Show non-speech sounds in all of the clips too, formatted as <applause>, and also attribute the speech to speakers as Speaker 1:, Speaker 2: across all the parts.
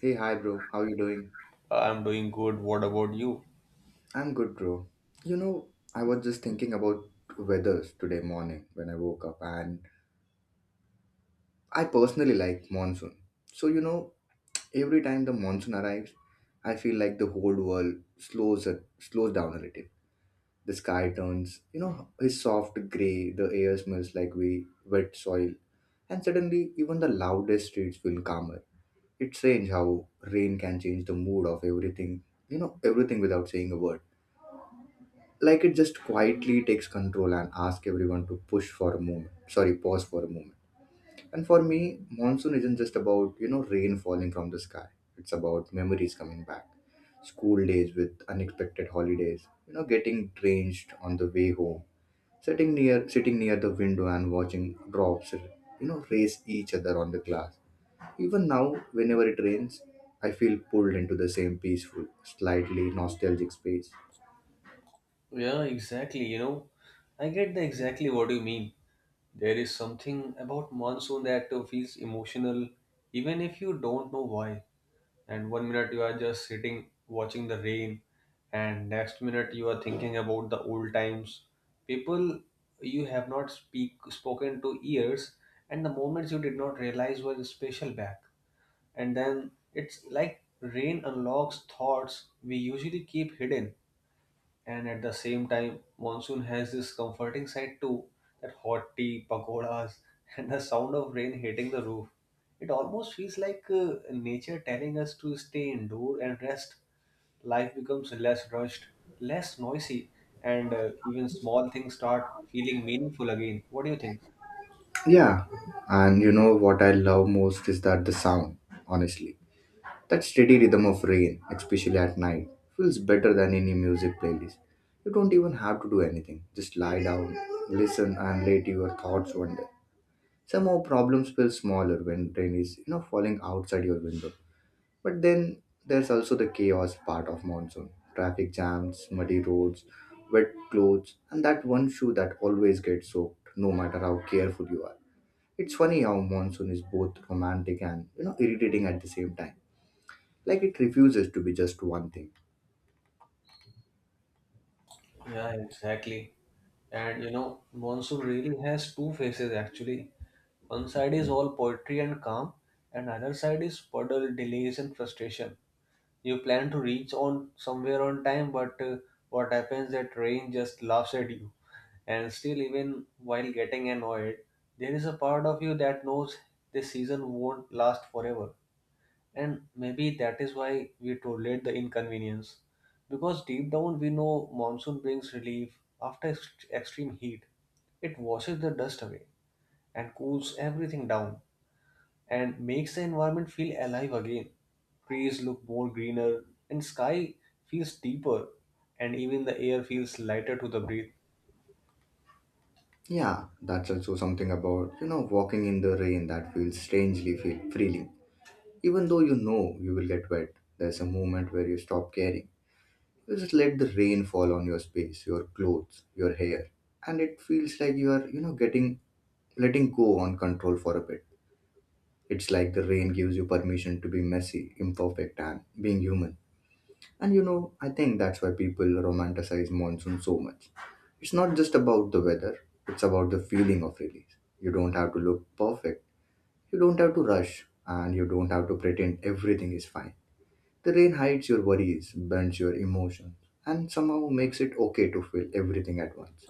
Speaker 1: Hey, hi, bro. How you doing?
Speaker 2: I'm doing good. What about you?
Speaker 1: I'm good, bro. You know, I was just thinking about weathers today morning when I woke up, and I personally like monsoon. So, every time the monsoon arrives, I feel like the whole world slows down a little. The sky turns, is soft gray. The air smells like we wet soil, and suddenly even the loudest streets feel calmer. It's strange how rain can change the mood of everything. Everything without saying a word. Like it just quietly takes control and asks everyone to push for a moment sorry pause for a moment. And for me, monsoon isn't just about rain falling from the sky. It's about memories coming back, school days with unexpected holidays, getting drenched on the way home, sitting near the window and watching drops race each other on the glass. Even now, whenever it rains, I feel pulled into the same peaceful, slightly nostalgic space.
Speaker 2: Yeah, exactly. You know, I get the exactly what you mean. There is something about monsoon that feels emotional, even if you don't know why. And one minute you are just sitting watching the rain, and next minute you are thinking about the old times, people you have not speak spoken to years, and the moments you did not realize were special back. And then it's like rain unlocks thoughts we usually keep hidden, and at the same time monsoon has this comforting side too. That hot tea, pakoras <laughs> and the sound of rain hitting the roof, it almost feels like nature telling us to stay indoor and rest. Life becomes less rushed, less noisy, and even small things start feeling meaningful again. What do you think?
Speaker 1: Yeah, and you know what I love most is that the sound, honestly. That steady rhythm of rain, especially at night, feels better than any music playlist. You don't even have to do anything, just lie down, listen, and let your thoughts wander. Somehow, problems feel smaller when rain is, falling outside your window. But then there's also the chaos part of monsoon: traffic jams, muddy roads, wet clothes, and that one shoe that always gets soaked, no matter how careful you are. It's funny how monsoon is both romantic and, irritating at the same time. Like it refuses to be just one thing.
Speaker 2: Yeah, exactly. And you know, monsoon really has two faces actually. One side is all poetry and calm, and other side is puddle, delays, and frustration. You plan to reach on somewhere on time, but what happens that rain just laughs at you. And still, even while getting annoyed, there is a part of you that knows this season won't last forever. And maybe that is why we tolerate the inconvenience. Because deep down we know monsoon brings relief after extreme heat. It washes the dust away and cools everything down and makes the environment feel alive again. Trees look more greener and sky feels deeper and even the air feels lighter to the breathe.
Speaker 1: Yeah, that's also something about, walking in the rain that feels strangely feel freeing. Even though you know you will get wet, there's a moment where you stop caring. You just let the rain fall on your space, your clothes, your hair, and it feels like you are, you know getting letting go on control for a bit. It's like the rain gives you permission to be messy, imperfect, and being human. And, I think that's why people romanticize monsoon so much. It's not just about the weather, it's about the feeling of release. You don't have to look perfect, you don't have to rush, and you don't have to pretend everything is fine. The rain hides your worries, bends your emotions, and somehow makes it okay to feel everything at once.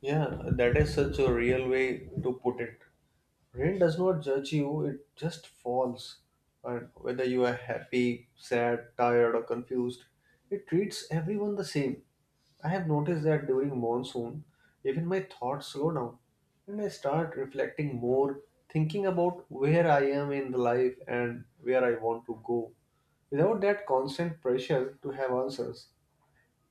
Speaker 2: Yeah, that is such a real way to put it. Rain does not judge you, it just falls. And whether you are happy, sad, tired, or confused, it treats everyone the same. I have noticed that during monsoon, even my thoughts slow down and I start reflecting more, thinking about where I am in the life and where I want to go. Without that constant pressure to have answers.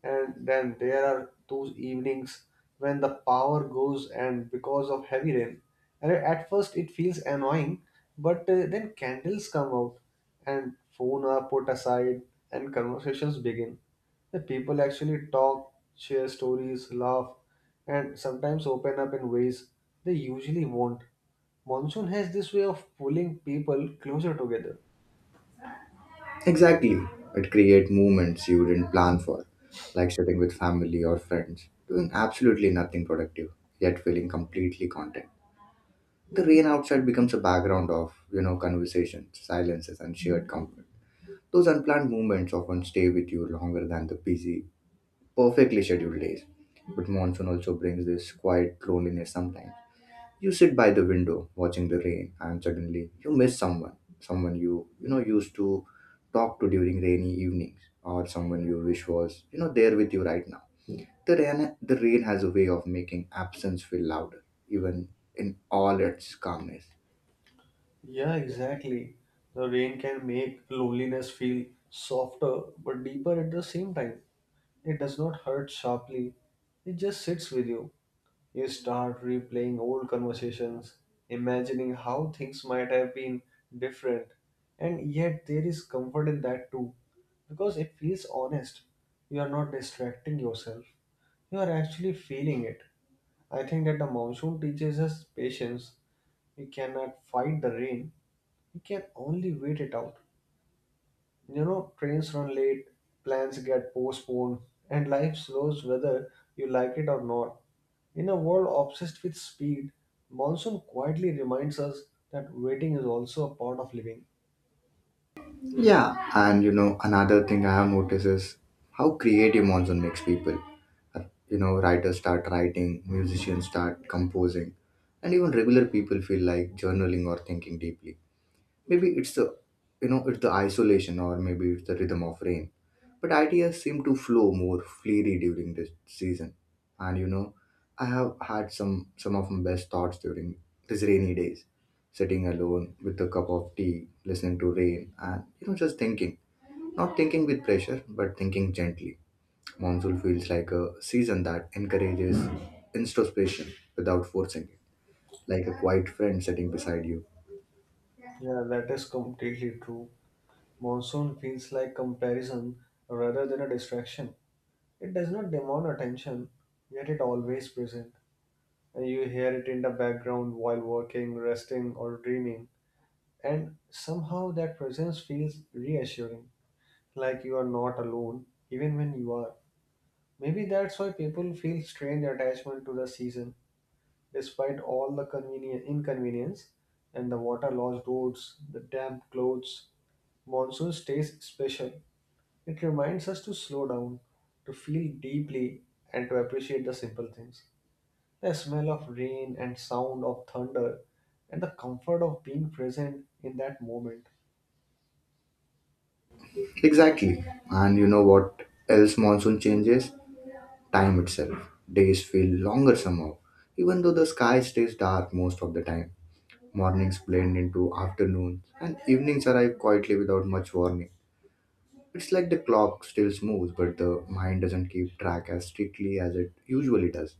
Speaker 2: And then there are those evenings when the power goes and because of heavy rain, and at first it feels annoying, but then candles come out and phone are put aside and conversations begin. The people actually talk, share stories, laugh, and sometimes open up in ways they usually won't. Monsoon has this way of pulling people closer together.
Speaker 1: Exactly, it creates moments you didn't plan for, like sitting with family or friends, doing absolutely nothing productive, yet feeling completely content. The rain outside becomes a background of, conversations, silences, and shared comfort. Those unplanned moments often stay with you longer than the busy, perfectly scheduled days. But monsoon also brings this quiet loneliness sometimes. You sit by the window watching the rain and suddenly you miss someone, someone you, used to talk to during rainy evenings, or someone you wish was, there with you right now. The rain has a way of making absence feel louder, even in all its calmness.
Speaker 2: Yeah, exactly. The rain can make loneliness feel softer but deeper at the same time. It does not hurt sharply, it just sits with you. You start replaying old conversations, imagining how things might have been different. And yet, there is comfort in that too, because it feels honest. You are not distracting yourself, you are actually feeling it. I think that the monsoon teaches us patience. We cannot fight the rain, you can only wait it out. You know, trains run late, plans get postponed, and life slows whether you like it or not. In a world obsessed with speed, monsoon quietly reminds us that waiting is also a part of living.
Speaker 1: Yeah, and, another thing I have noticed is how creative monsoon makes people. Uh, Writers start writing, musicians start composing, and even regular people feel like journaling or thinking deeply. Maybe it's the isolation, or maybe it's the rhythm of rain. But ideas seem to flow more freely during this season. And I have had some of my best thoughts during these rainy days, sitting alone with a cup of tea, listening to rain, and just thinking. Not thinking with pressure, but thinking gently. Monsoon feels like a season that encourages introspection without forcing it, like a quiet friend sitting beside you.
Speaker 2: Yeah, that is completely true. Monsoon feels like comparison rather than a distraction. It does not demand attention, yet it always present. And you hear it in the background while working, resting, or dreaming. And somehow that presence feels reassuring, like you are not alone, even when you are. Maybe that's why people feel strange attachment to the season, despite all the convenient inconvenience and the water logged roads, the damp clothes. Monsoon stays special. It reminds us to slow down, to feel deeply, and to appreciate the simple things. The smell of rain and sound of thunder, and the comfort of being present in that moment.
Speaker 1: Exactly. And you know what else monsoon changes? Time itself. Days feel longer somehow. Even though the sky stays dark most of the time, mornings blend into afternoons and evenings arrive quietly without much warning. It's like the clock still moves, but the mind doesn't keep track as strictly as it usually does.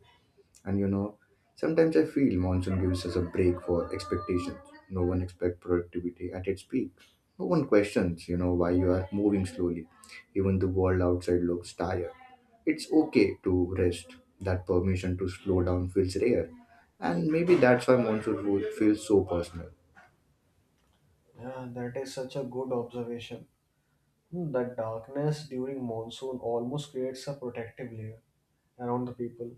Speaker 1: And, sometimes I feel monsoon gives us a break for expectations. No one expects productivity at its peak. No one questions, why you are moving slowly. Even the world outside looks tired. It's okay to rest. That permission to slow down feels rare. And maybe that's why monsoon food feels so personal.
Speaker 2: Yeah, that is such a good observation. That darkness during monsoon almost creates a protective layer around the people.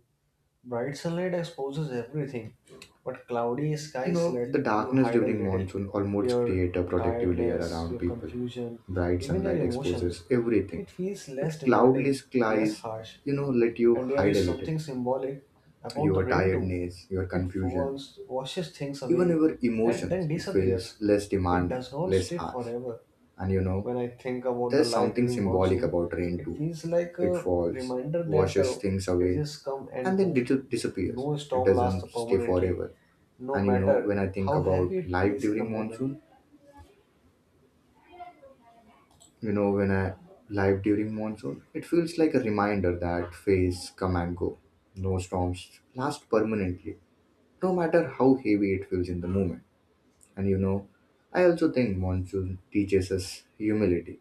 Speaker 2: Bright sunlight exposes everything, but cloudy
Speaker 1: You
Speaker 2: skies
Speaker 1: know,
Speaker 2: let
Speaker 1: the
Speaker 2: you
Speaker 1: darkness
Speaker 2: hide a
Speaker 1: during
Speaker 2: little.
Speaker 1: monsoon almost
Speaker 2: Your
Speaker 1: create a protective layer
Speaker 2: tiredness,
Speaker 1: around
Speaker 2: your
Speaker 1: people.
Speaker 2: confusion,
Speaker 1: Bright
Speaker 2: even your
Speaker 1: sunlight exposes
Speaker 2: emotions.
Speaker 1: everything,
Speaker 2: It feels
Speaker 1: but
Speaker 2: less
Speaker 1: cloudless
Speaker 2: demanding, less
Speaker 1: skies,
Speaker 2: harsh.
Speaker 1: let you
Speaker 2: And there
Speaker 1: hide a
Speaker 2: is
Speaker 1: little.
Speaker 2: something symbolic about the
Speaker 1: Your
Speaker 2: rain too.
Speaker 1: tiredness, your
Speaker 2: It
Speaker 1: confusion,
Speaker 2: falls, washes things
Speaker 1: even
Speaker 2: away,
Speaker 1: your
Speaker 2: and
Speaker 1: emotions,
Speaker 2: then
Speaker 1: it feels
Speaker 2: disappears.
Speaker 1: less
Speaker 2: It
Speaker 1: demanding,
Speaker 2: does not
Speaker 1: less
Speaker 2: stay
Speaker 1: harsh.
Speaker 2: forever.
Speaker 1: And,
Speaker 2: When I think about the
Speaker 1: there's
Speaker 2: life
Speaker 1: something
Speaker 2: during
Speaker 1: symbolic
Speaker 2: monsoon,
Speaker 1: about rain
Speaker 2: it
Speaker 1: too.
Speaker 2: feels like
Speaker 1: It
Speaker 2: a
Speaker 1: falls,
Speaker 2: reminder that
Speaker 1: washes things away,
Speaker 2: phases come
Speaker 1: and
Speaker 2: and
Speaker 1: then
Speaker 2: go.
Speaker 1: disappears.
Speaker 2: No
Speaker 1: It
Speaker 2: storm lasts
Speaker 1: doesn't stay
Speaker 2: permanently,
Speaker 1: forever.
Speaker 2: no
Speaker 1: And,
Speaker 2: matter
Speaker 1: when I think
Speaker 2: how
Speaker 1: about
Speaker 2: heavy it
Speaker 1: life
Speaker 2: feels in the
Speaker 1: during
Speaker 2: moment.
Speaker 1: monsoon, when I live during monsoon, it feels like a reminder that phase come and go. No storms last permanently, no matter how heavy it feels in the moment. And, I also think monsoon teaches us humility.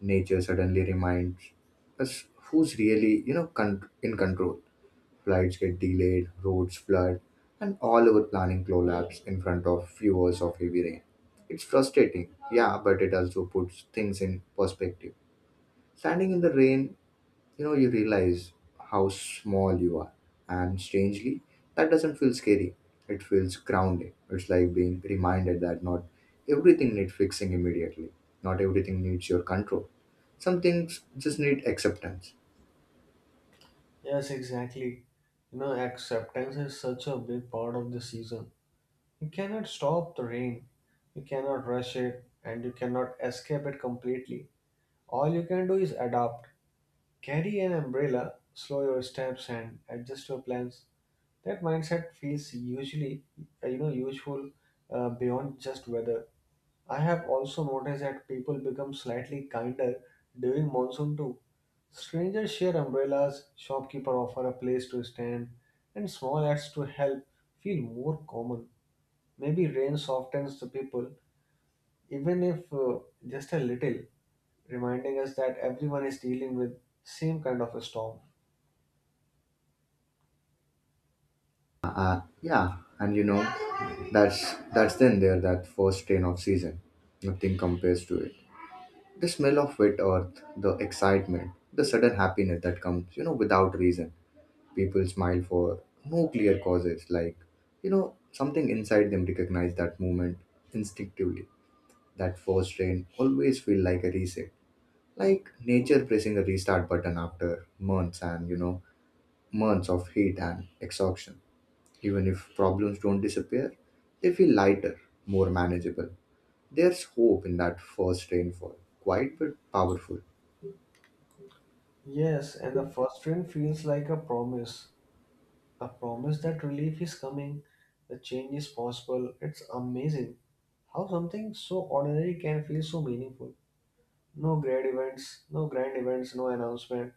Speaker 1: Nature suddenly reminds us who's really, in control. Flights get delayed, roads flood, and all our planning collapse in front of few hours of heavy rain. It's frustrating, yeah, but it also puts things in perspective. Standing in the rain, you realize how small you are. And strangely, that doesn't feel scary. It feels grounding. It's like being reminded that not everything needs fixing immediately. Not everything needs your control. Some things just need acceptance.
Speaker 2: Yes, exactly. You know, acceptance is such a big part of the season. You cannot stop the rain, you cannot rush it, and you cannot escape it completely. All you can do is adapt. Carry an umbrella, slow your steps, and adjust your plans. That mindset feels usually, you know, useful beyond just weather. I have also noticed that people become slightly kinder during monsoon too. Strangers share umbrellas, shopkeeper offer a place to stand, and small acts to help feel more common. Maybe rain softens the people, even if just a little, reminding us that everyone is dealing with same kind of a storm.
Speaker 1: Yeah, and you know, that's then there that first rain of season. Nothing compares to it. The smell of wet earth, the excitement, the sudden happiness that comes, without reason. People smile for no clear causes, like, something inside them recognize that movement instinctively. That first rain always feel like a reset, like nature pressing a restart button after months and, months of heat and exhaustion. Even if problems don't disappear, they feel lighter, more manageable. There's hope in that first rainfall, quiet but powerful.
Speaker 2: Yes, and the first rain feels like a promise. A promise that relief is coming, the change is possible. It's amazing how something so ordinary can feel so meaningful. No grand events, no announcement,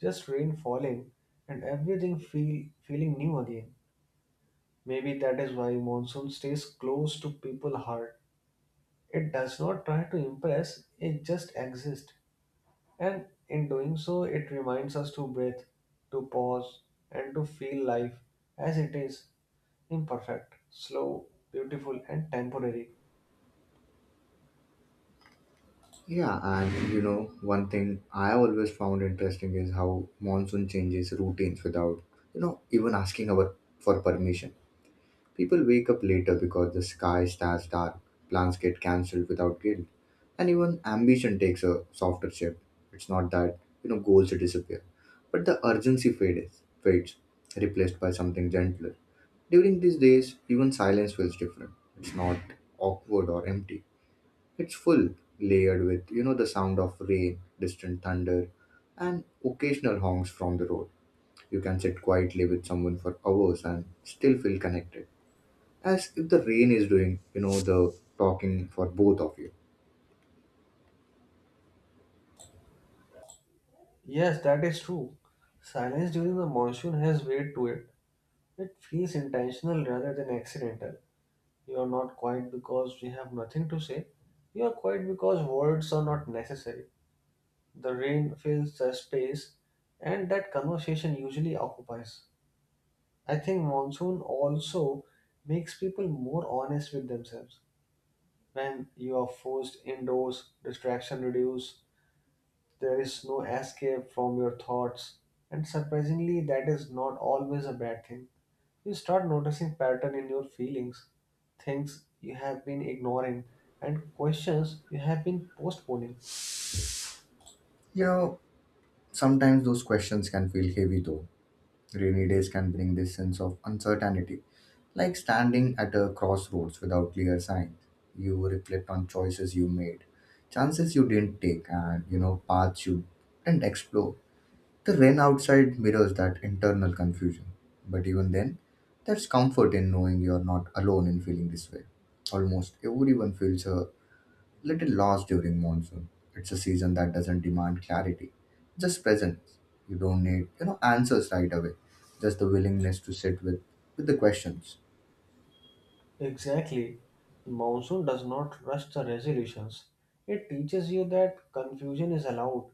Speaker 2: just rain falling and everything feeling new again. Maybe that is why monsoon stays close to people's heart. It does not try to impress, it just exists. And in doing so, it reminds us to breathe, to pause, and to feel life as it is. Imperfect, slow, beautiful, and temporary.
Speaker 1: Yeah, and, one thing I always found interesting is how monsoon changes routines without, even asking our for permission. People wake up later because the sky starts dark, plans get cancelled without guilt, and even ambition takes a softer shape. It's not that, goals disappear, but the urgency fades, replaced by something gentler. During these days, even silence feels different. It's not awkward or empty. It's full, layered with, the sound of rain, distant thunder, and occasional honks from the road. You can sit quietly with someone for hours and still feel connected, as if the rain is doing, the talking for both of you.
Speaker 2: Yes, that is true. Silence during the monsoon has weight to it. It feels intentional rather than accidental. You are not quiet because we have nothing to say. You are quiet because words are not necessary. The rain fills the space, and that conversation usually occupies. I think monsoon also makes people more honest with themselves. When you are forced indoors, distraction reduces. There is no escape from your thoughts. And surprisingly, that is not always a bad thing. You start noticing pattern in your feelings, things you have been ignoring, and questions you have been postponing.
Speaker 1: You know, sometimes those questions can feel heavy though. Rainy days can bring this sense of uncertainty, like standing at a crossroads without clear signs. You reflect on choices you made, chances you didn't take, and, paths you didn't explore. The rain outside mirrors that internal confusion. But even then, there's comfort in knowing you're not alone in feeling this way. Almost everyone feels a little lost during monsoon. It's a season that doesn't demand clarity, just presence. You don't need, answers right away. Just the willingness to sit with the questions.
Speaker 2: Exactly. Monsoon does not rush the resolutions. It teaches you that confusion is allowed,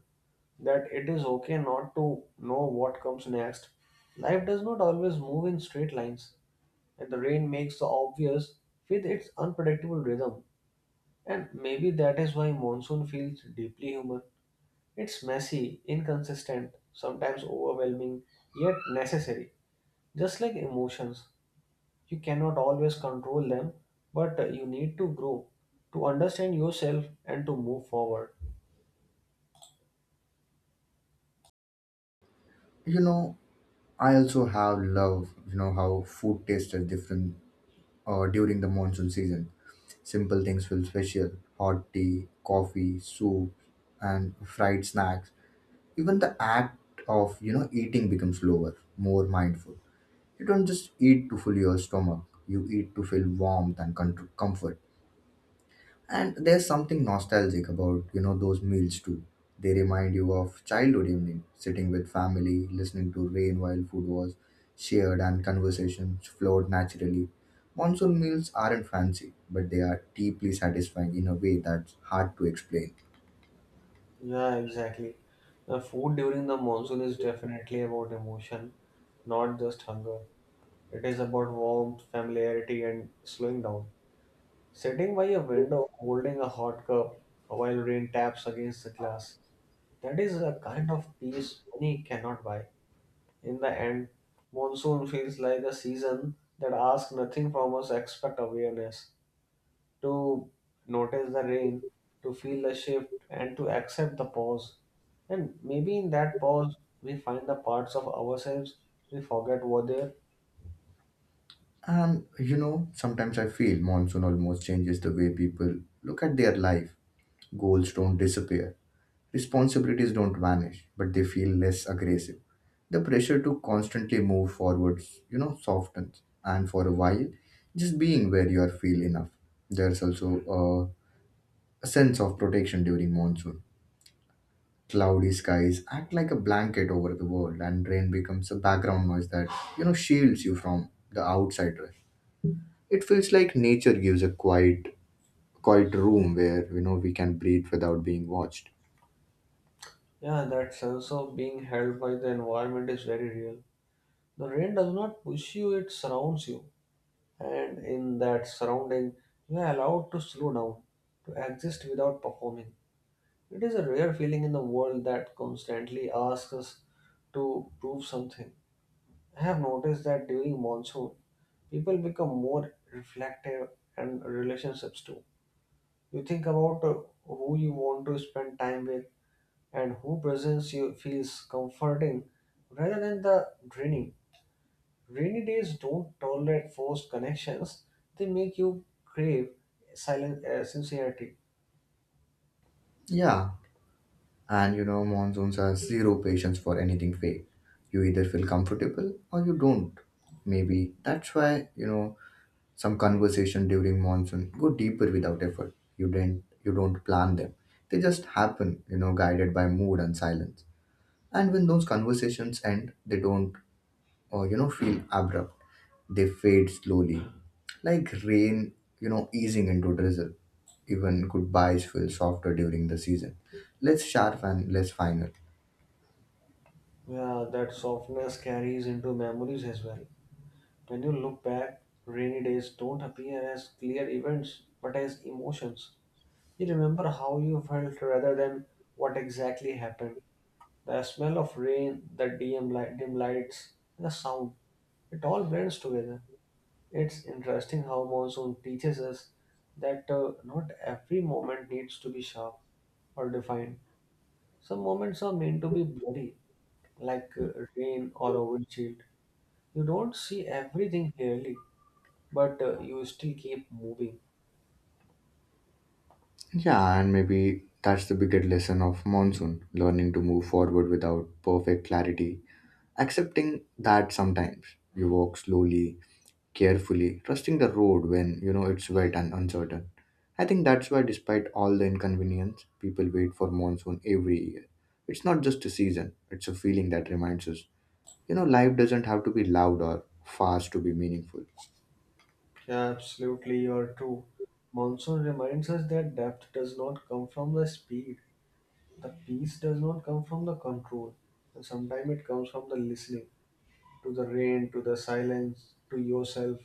Speaker 2: that it is okay not to know what comes next. Life does not always move in straight lines, and the rain makes the obvious with its unpredictable rhythm. And maybe that is why monsoon feels deeply human. It's messy, inconsistent, sometimes overwhelming, yet necessary. Just like emotions, you cannot always control them, but you need to grow, to understand yourself, and to move forward.
Speaker 1: You know, I also have love, how food tastes are different during the monsoon season. Simple things feel special: hot tea, coffee, soup, and fried snacks. Even the act of eating becomes slower, more mindful. You don't just eat to fill your stomach, you eat to feel warmth and comfort. And there's something nostalgic about, those meals too. They remind you of childhood evening, sitting with family, listening to rain while food was shared and conversations flowed naturally. Monsoon meals aren't fancy, but they are deeply satisfying in a way that's hard to explain.
Speaker 2: Yeah, exactly. The food during the monsoon is definitely about emotion, not just hunger. It is about warmth, familiarity, and slowing down. Sitting by a window holding a hot cup while rain taps against the glass. That is a kind of peace money cannot buy. In the end, monsoon feels like a season that asks nothing from us except awareness, to notice the rain, to feel the shift, and to accept the pause. And maybe in that pause, we find the parts of ourselves we forget were there.
Speaker 1: And, sometimes I feel monsoon almost changes the way people look at their life. Goals don't disappear, responsibilities don't vanish, but they feel less aggressive. The pressure to constantly move forwards, softens. And for a while, just being where you are feel enough. There's also a sense of protection during monsoon. Cloudy skies act like a blanket over the world, and rain becomes a background noise that, shields you from the outside rush. It feels like nature gives a quiet room where, we can breathe without being watched.
Speaker 2: Yeah, that sense of being held by the environment is very real. The rain does not push you, it surrounds you, and in that surrounding you are allowed to slow down, to exist without performing. It is a rare feeling in the world that constantly asks us to prove something. I have noticed that during monsoon, people become more reflective, and relationships too. You think about who you want to spend time with and who presence you feels comforting rather than the draining. Rainy days don't tolerate forced connections. They make you crave silent sincerity.
Speaker 1: Yeah, and monsoons are zero patience for anything fake. You either feel comfortable or you don't. Maybe that's why, some conversation during monsoon go deeper without effort. You don't plan them. They just happen, guided by mood and silence. And when those conversations end, they don't or you know feel abrupt. They fade slowly. Like rain, you know, easing into drizzle. Even goodbyes feel softer during the season. Less sharp and less final.
Speaker 2: Yeah, that softness carries into memories as well. When you look back, rainy days don't appear as clear events but as emotions. You remember how you felt rather than what exactly happened. The smell of rain, the dim lights, and the sound, it all blends together. It's interesting how monsoon teaches us that not every moment needs to be sharp or defined. Some moments are meant to be bloody, like rain or a windshield. You don't see everything clearly, but you still keep moving.
Speaker 1: Yeah, and maybe that's the bigger lesson of monsoon, learning to move forward without perfect clarity, accepting that sometimes you walk slowly, carefully, trusting the road when you know it's wet and uncertain. I think that's why, despite all the inconvenience, people wait for monsoon every year. It's not just a season, it's a feeling that reminds us, you know, life doesn't have to be loud or fast to be meaningful.
Speaker 2: Yeah, absolutely, you're true. Monsoon reminds us that depth does not come from the speed, the peace does not come from the control, and sometimes it comes from the listening to the rain, to the silence, to yourself.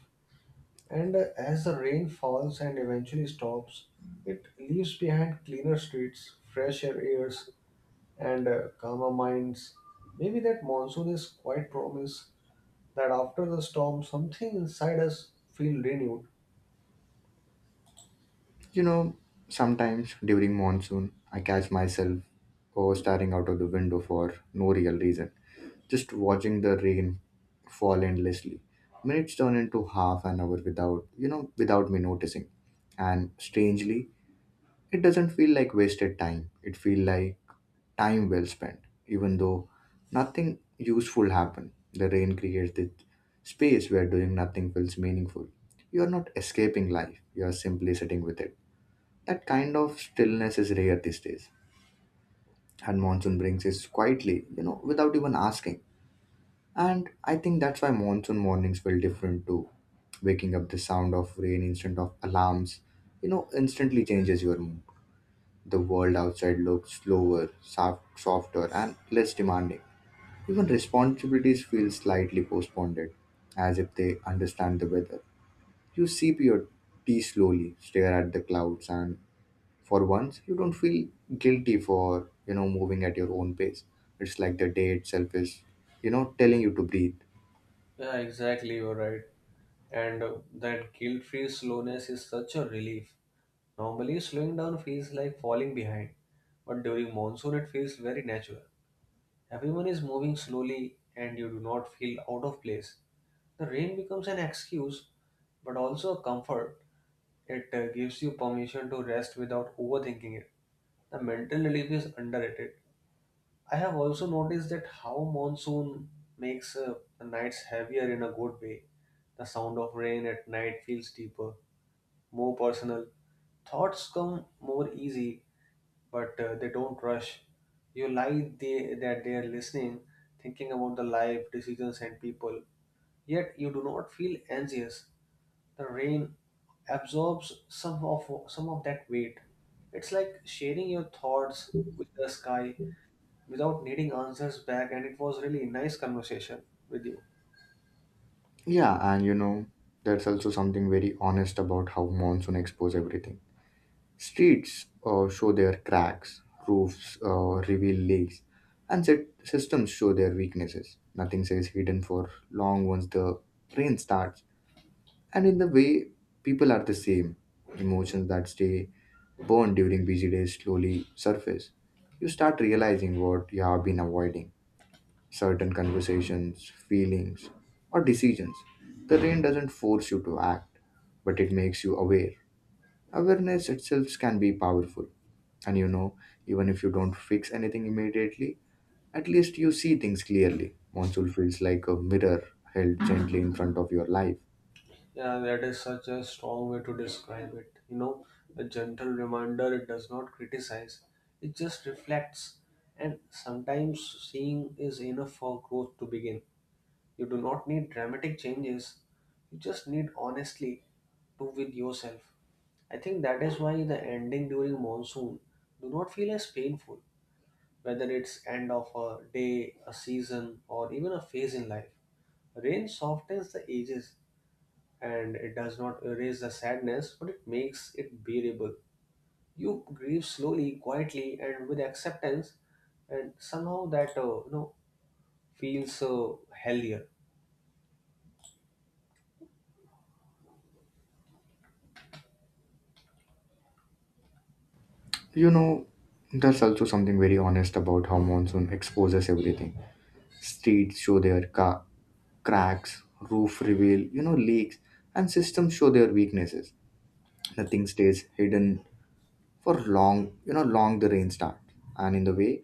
Speaker 2: And as the rain falls and eventually stops, it leaves behind cleaner streets, fresher airs, and calmer minds. Maybe that monsoon is quite promise that after the storm, something inside us feels renewed.
Speaker 1: You know, sometimes during monsoon, I catch myself oh, staring out of the window for no real reason, just watching the rain fall endlessly. Minutes turn into half an hour without, you know, without me noticing. And strangely, it doesn't feel like wasted time. It feels like time well spent, even though nothing useful happened. The rain creates this space where doing nothing feels meaningful. You are not escaping life, you are simply sitting with it. That kind of stillness is rare these days, and monsoon brings it quietly, you know, without even asking. And I think that's why monsoon mornings feel different too. Waking up the sound of rain instead of alarms, you know, instantly changes your mood. The world outside looks slower, soft, softer, and less demanding. Even responsibilities feel slightly postponed, as if they understand the weather. You sip your tea slowly, stare at the clouds, and for once you don't feel guilty for moving at your own pace. It's like the day itself is, telling you to breathe.
Speaker 2: Yeah, exactly, you're right. And that guilt-free slowness is such a relief. Normally, slowing down feels like falling behind, but during monsoon, it feels very natural. Everyone is moving slowly and you do not feel out of place. The rain becomes an excuse but also a comfort. It gives you permission to rest without overthinking it. The mental relief is underrated. I have also noticed that how monsoon makes the nights heavier in a good way. The sound of rain at night feels deeper, more personal. Thoughts come more easy but they don't rush. You lie they, that they are listening, thinking about the life, decisions, and people. Yet you do not feel anxious. The rain absorbs some of that weight. It's like sharing your thoughts with the sky without needing answers back. And it was really nice conversation with you.
Speaker 1: Yeah, and you know, there's also something very honest about how monsoon expose everything. Streets, show their cracks, roofs reveal leaks, and set systems show their weaknesses. Nothing stays hidden for long once the rain starts. And in the way, people are the same. Emotions that stay burned during busy days slowly surface. You start realizing what you have been avoiding, certain conversations, feelings, or decisions. The rain doesn't force you to act, but it makes you aware. Awareness itself can be powerful. And you know, even if you don't fix anything immediately, at least you see things clearly. Monsoon feels like a mirror held gently in front of your life.
Speaker 2: Yeah, that is such a strong way to describe it. You know, a gentle reminder, it does not criticize, it just reflects. And sometimes seeing is enough for growth to begin. You do not need dramatic changes, you just need honestly to with yourself. I think that is why the ending during monsoon do not feel as painful, whether it's end of a day, a season, or even a phase in life. Rain softens the edges and it does not erase the sadness, but it makes it bearable. You grieve slowly, quietly, and with acceptance, and somehow that feels healthier.
Speaker 1: You know, there's also something very honest about how monsoon exposes everything. Streets show their cracks, roof reveal, you know, leaks, and systems show their weaknesses. Nothing stays hidden for long, you know, long the rain starts. And in the way,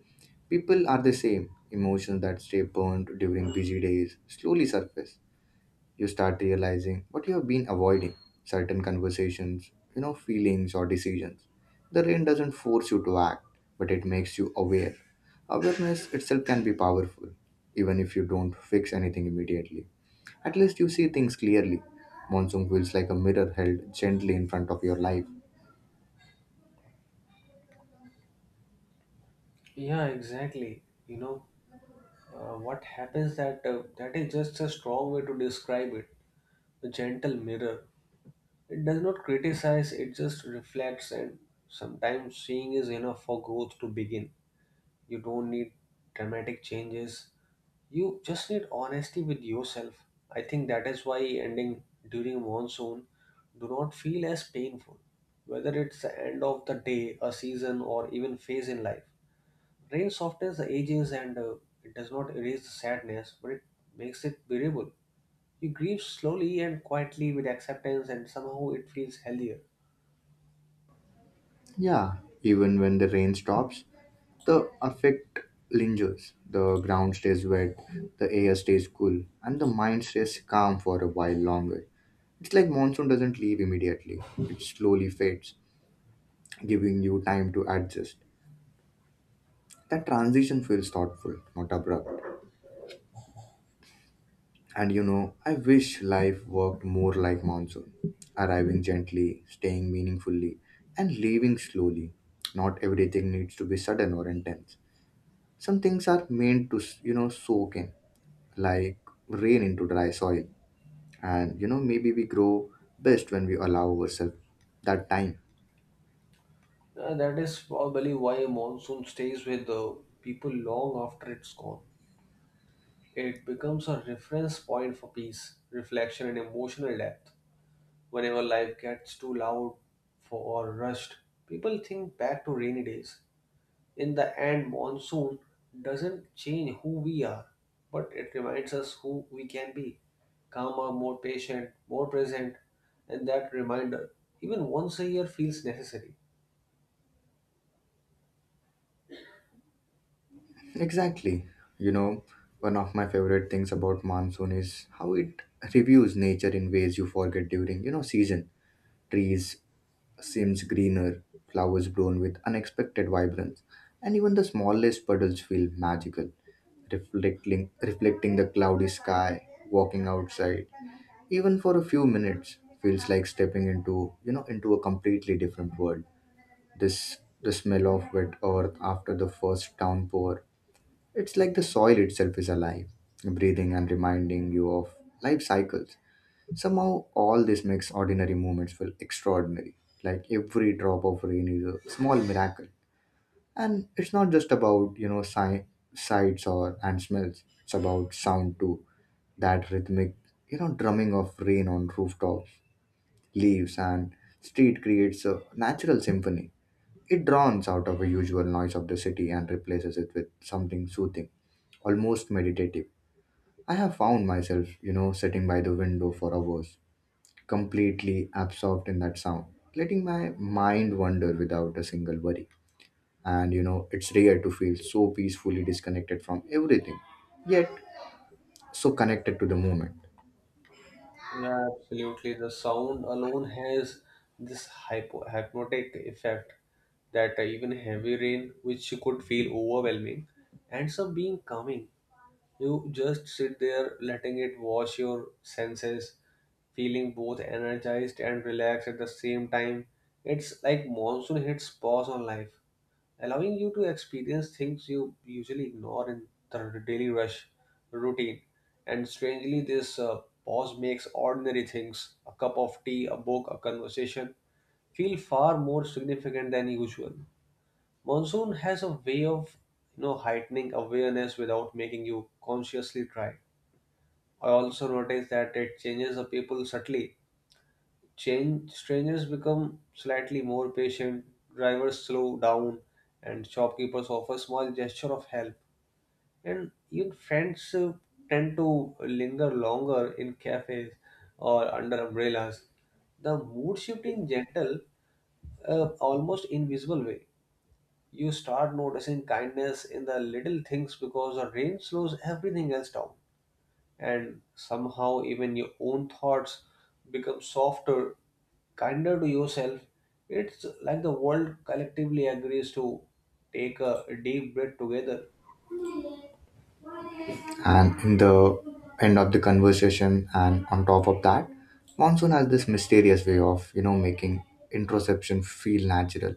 Speaker 1: people are the same. Emotions that stay burnt during busy days slowly surface. You start realizing what you have been avoiding, certain conversations, you know, feelings or decisions. The rain doesn't force you to act, but it makes you aware. Awareness itself can be powerful, even if you don't fix anything immediately. At least you see things clearly. Monsoon feels like a mirror held gently in front of your life.
Speaker 2: Yeah, exactly. You know what happens that that is just a strong way to describe it. A gentle mirror. It does not criticize. It just reflects, and sometimes seeing is enough for growth to begin. You don't need dramatic changes. You just need honesty with yourself. I think that is why ending during monsoon do not feel as painful. Whether it's the end of the day, a season, or even phase in life, rain softens the ages and it does not erase the sadness, but it makes it bearable. You grieve slowly and quietly with acceptance, and somehow it feels healthier.
Speaker 1: Yeah, even when the rain stops, the affect lingers, the ground stays wet, the air stays cool, and the mind stays calm for a while longer. It's like monsoon doesn't leave immediately, it slowly fades, giving you time to adjust. That transition feels thoughtful, not abrupt. And you know, I wish life worked more like monsoon, arriving gently, staying meaningfully, and leaving slowly. Not everything needs to be sudden or intense. Some things are meant to, you know, soak in like rain into dry soil. And you know, maybe we grow best when we allow ourselves that time.
Speaker 2: That is probably why monsoon stays with the people long after it's gone. It becomes a reference point for peace, reflection, and emotional depth. Whenever life gets too loud for, or rushed, people think back to rainy days. In the end, monsoon doesn't change who we are, but it reminds us who we can be calmer, more patient, more present, and that reminder, even once a year, feels necessary.
Speaker 1: Exactly. You know, one of my favorite things about monsoon is how it reviews nature in ways you forget during, you know, season. Trees seems greener, flowers bloom with unexpected vibrance, and even the smallest puddles feel magical, reflecting, reflecting the cloudy sky. Walking outside, even for a few minutes feels like stepping into, you know, into a completely different world. This the smell of wet earth after the first downpour, it's like the soil itself is alive, breathing and reminding you of life cycles. Somehow, all this makes ordinary moments feel extraordinary. Like every drop of rain is a small miracle. And it's not just about, you know, sights or and smells. It's about sound too. That rhythmic, you know, drumming of rain on rooftops, leaves, and street creates a natural symphony. It drowns out of the usual noise of the city and replaces it with something soothing, almost meditative. I have found myself, you know, sitting by the window for hours completely absorbed in that sound, letting my mind wander without a single worry. And you know, it's rare to feel so peacefully disconnected from everything, yet so connected to the moment.
Speaker 2: Yeah, absolutely. The sound alone has this hypo hypnotic effect that even heavy rain, which you could feel overwhelming, ends up being calming. You just sit there letting it wash your senses, feeling both energized and relaxed at the same time. It's like monsoon hits pause on life allowing you to experience things you usually ignore in the daily rush routine. And strangely, this pause makes ordinary things a cup of tea, a book, a conversation feel far more significant than usual. Monsoon has a way of you know heightening awareness without making you consciously try. I also noticed that it changes the people subtly. Strangers become slightly more patient, drivers slow down, and shopkeepers offer small gesture of help. And even friends tend to linger longer in cafes or under umbrellas. The mood shift in gentle, almost invisible way. You start noticing kindness in the little things because the rain slows everything else down and somehow even your own thoughts become softer, kinder to yourself. It's like the world collectively agrees to take a deep breath together.
Speaker 1: And in the end of the conversation, and on top of that, monsoon has this mysterious way of, you know, making introspection feel natural.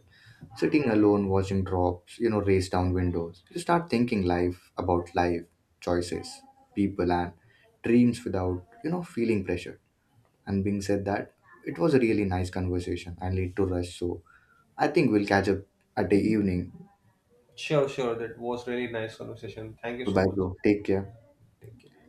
Speaker 1: Sitting alone watching drops, you know, race down windows, you start thinking life about life, choices, people, and dreams without, you know, feeling pressured. And being said that, it was a really nice conversation. I need to rush, so I think we'll catch up at the evening.
Speaker 2: Sure, sure. That was really nice conversation. Thank you so
Speaker 1: Goodbye
Speaker 2: much.
Speaker 1: bro, take care.
Speaker 2: Take care.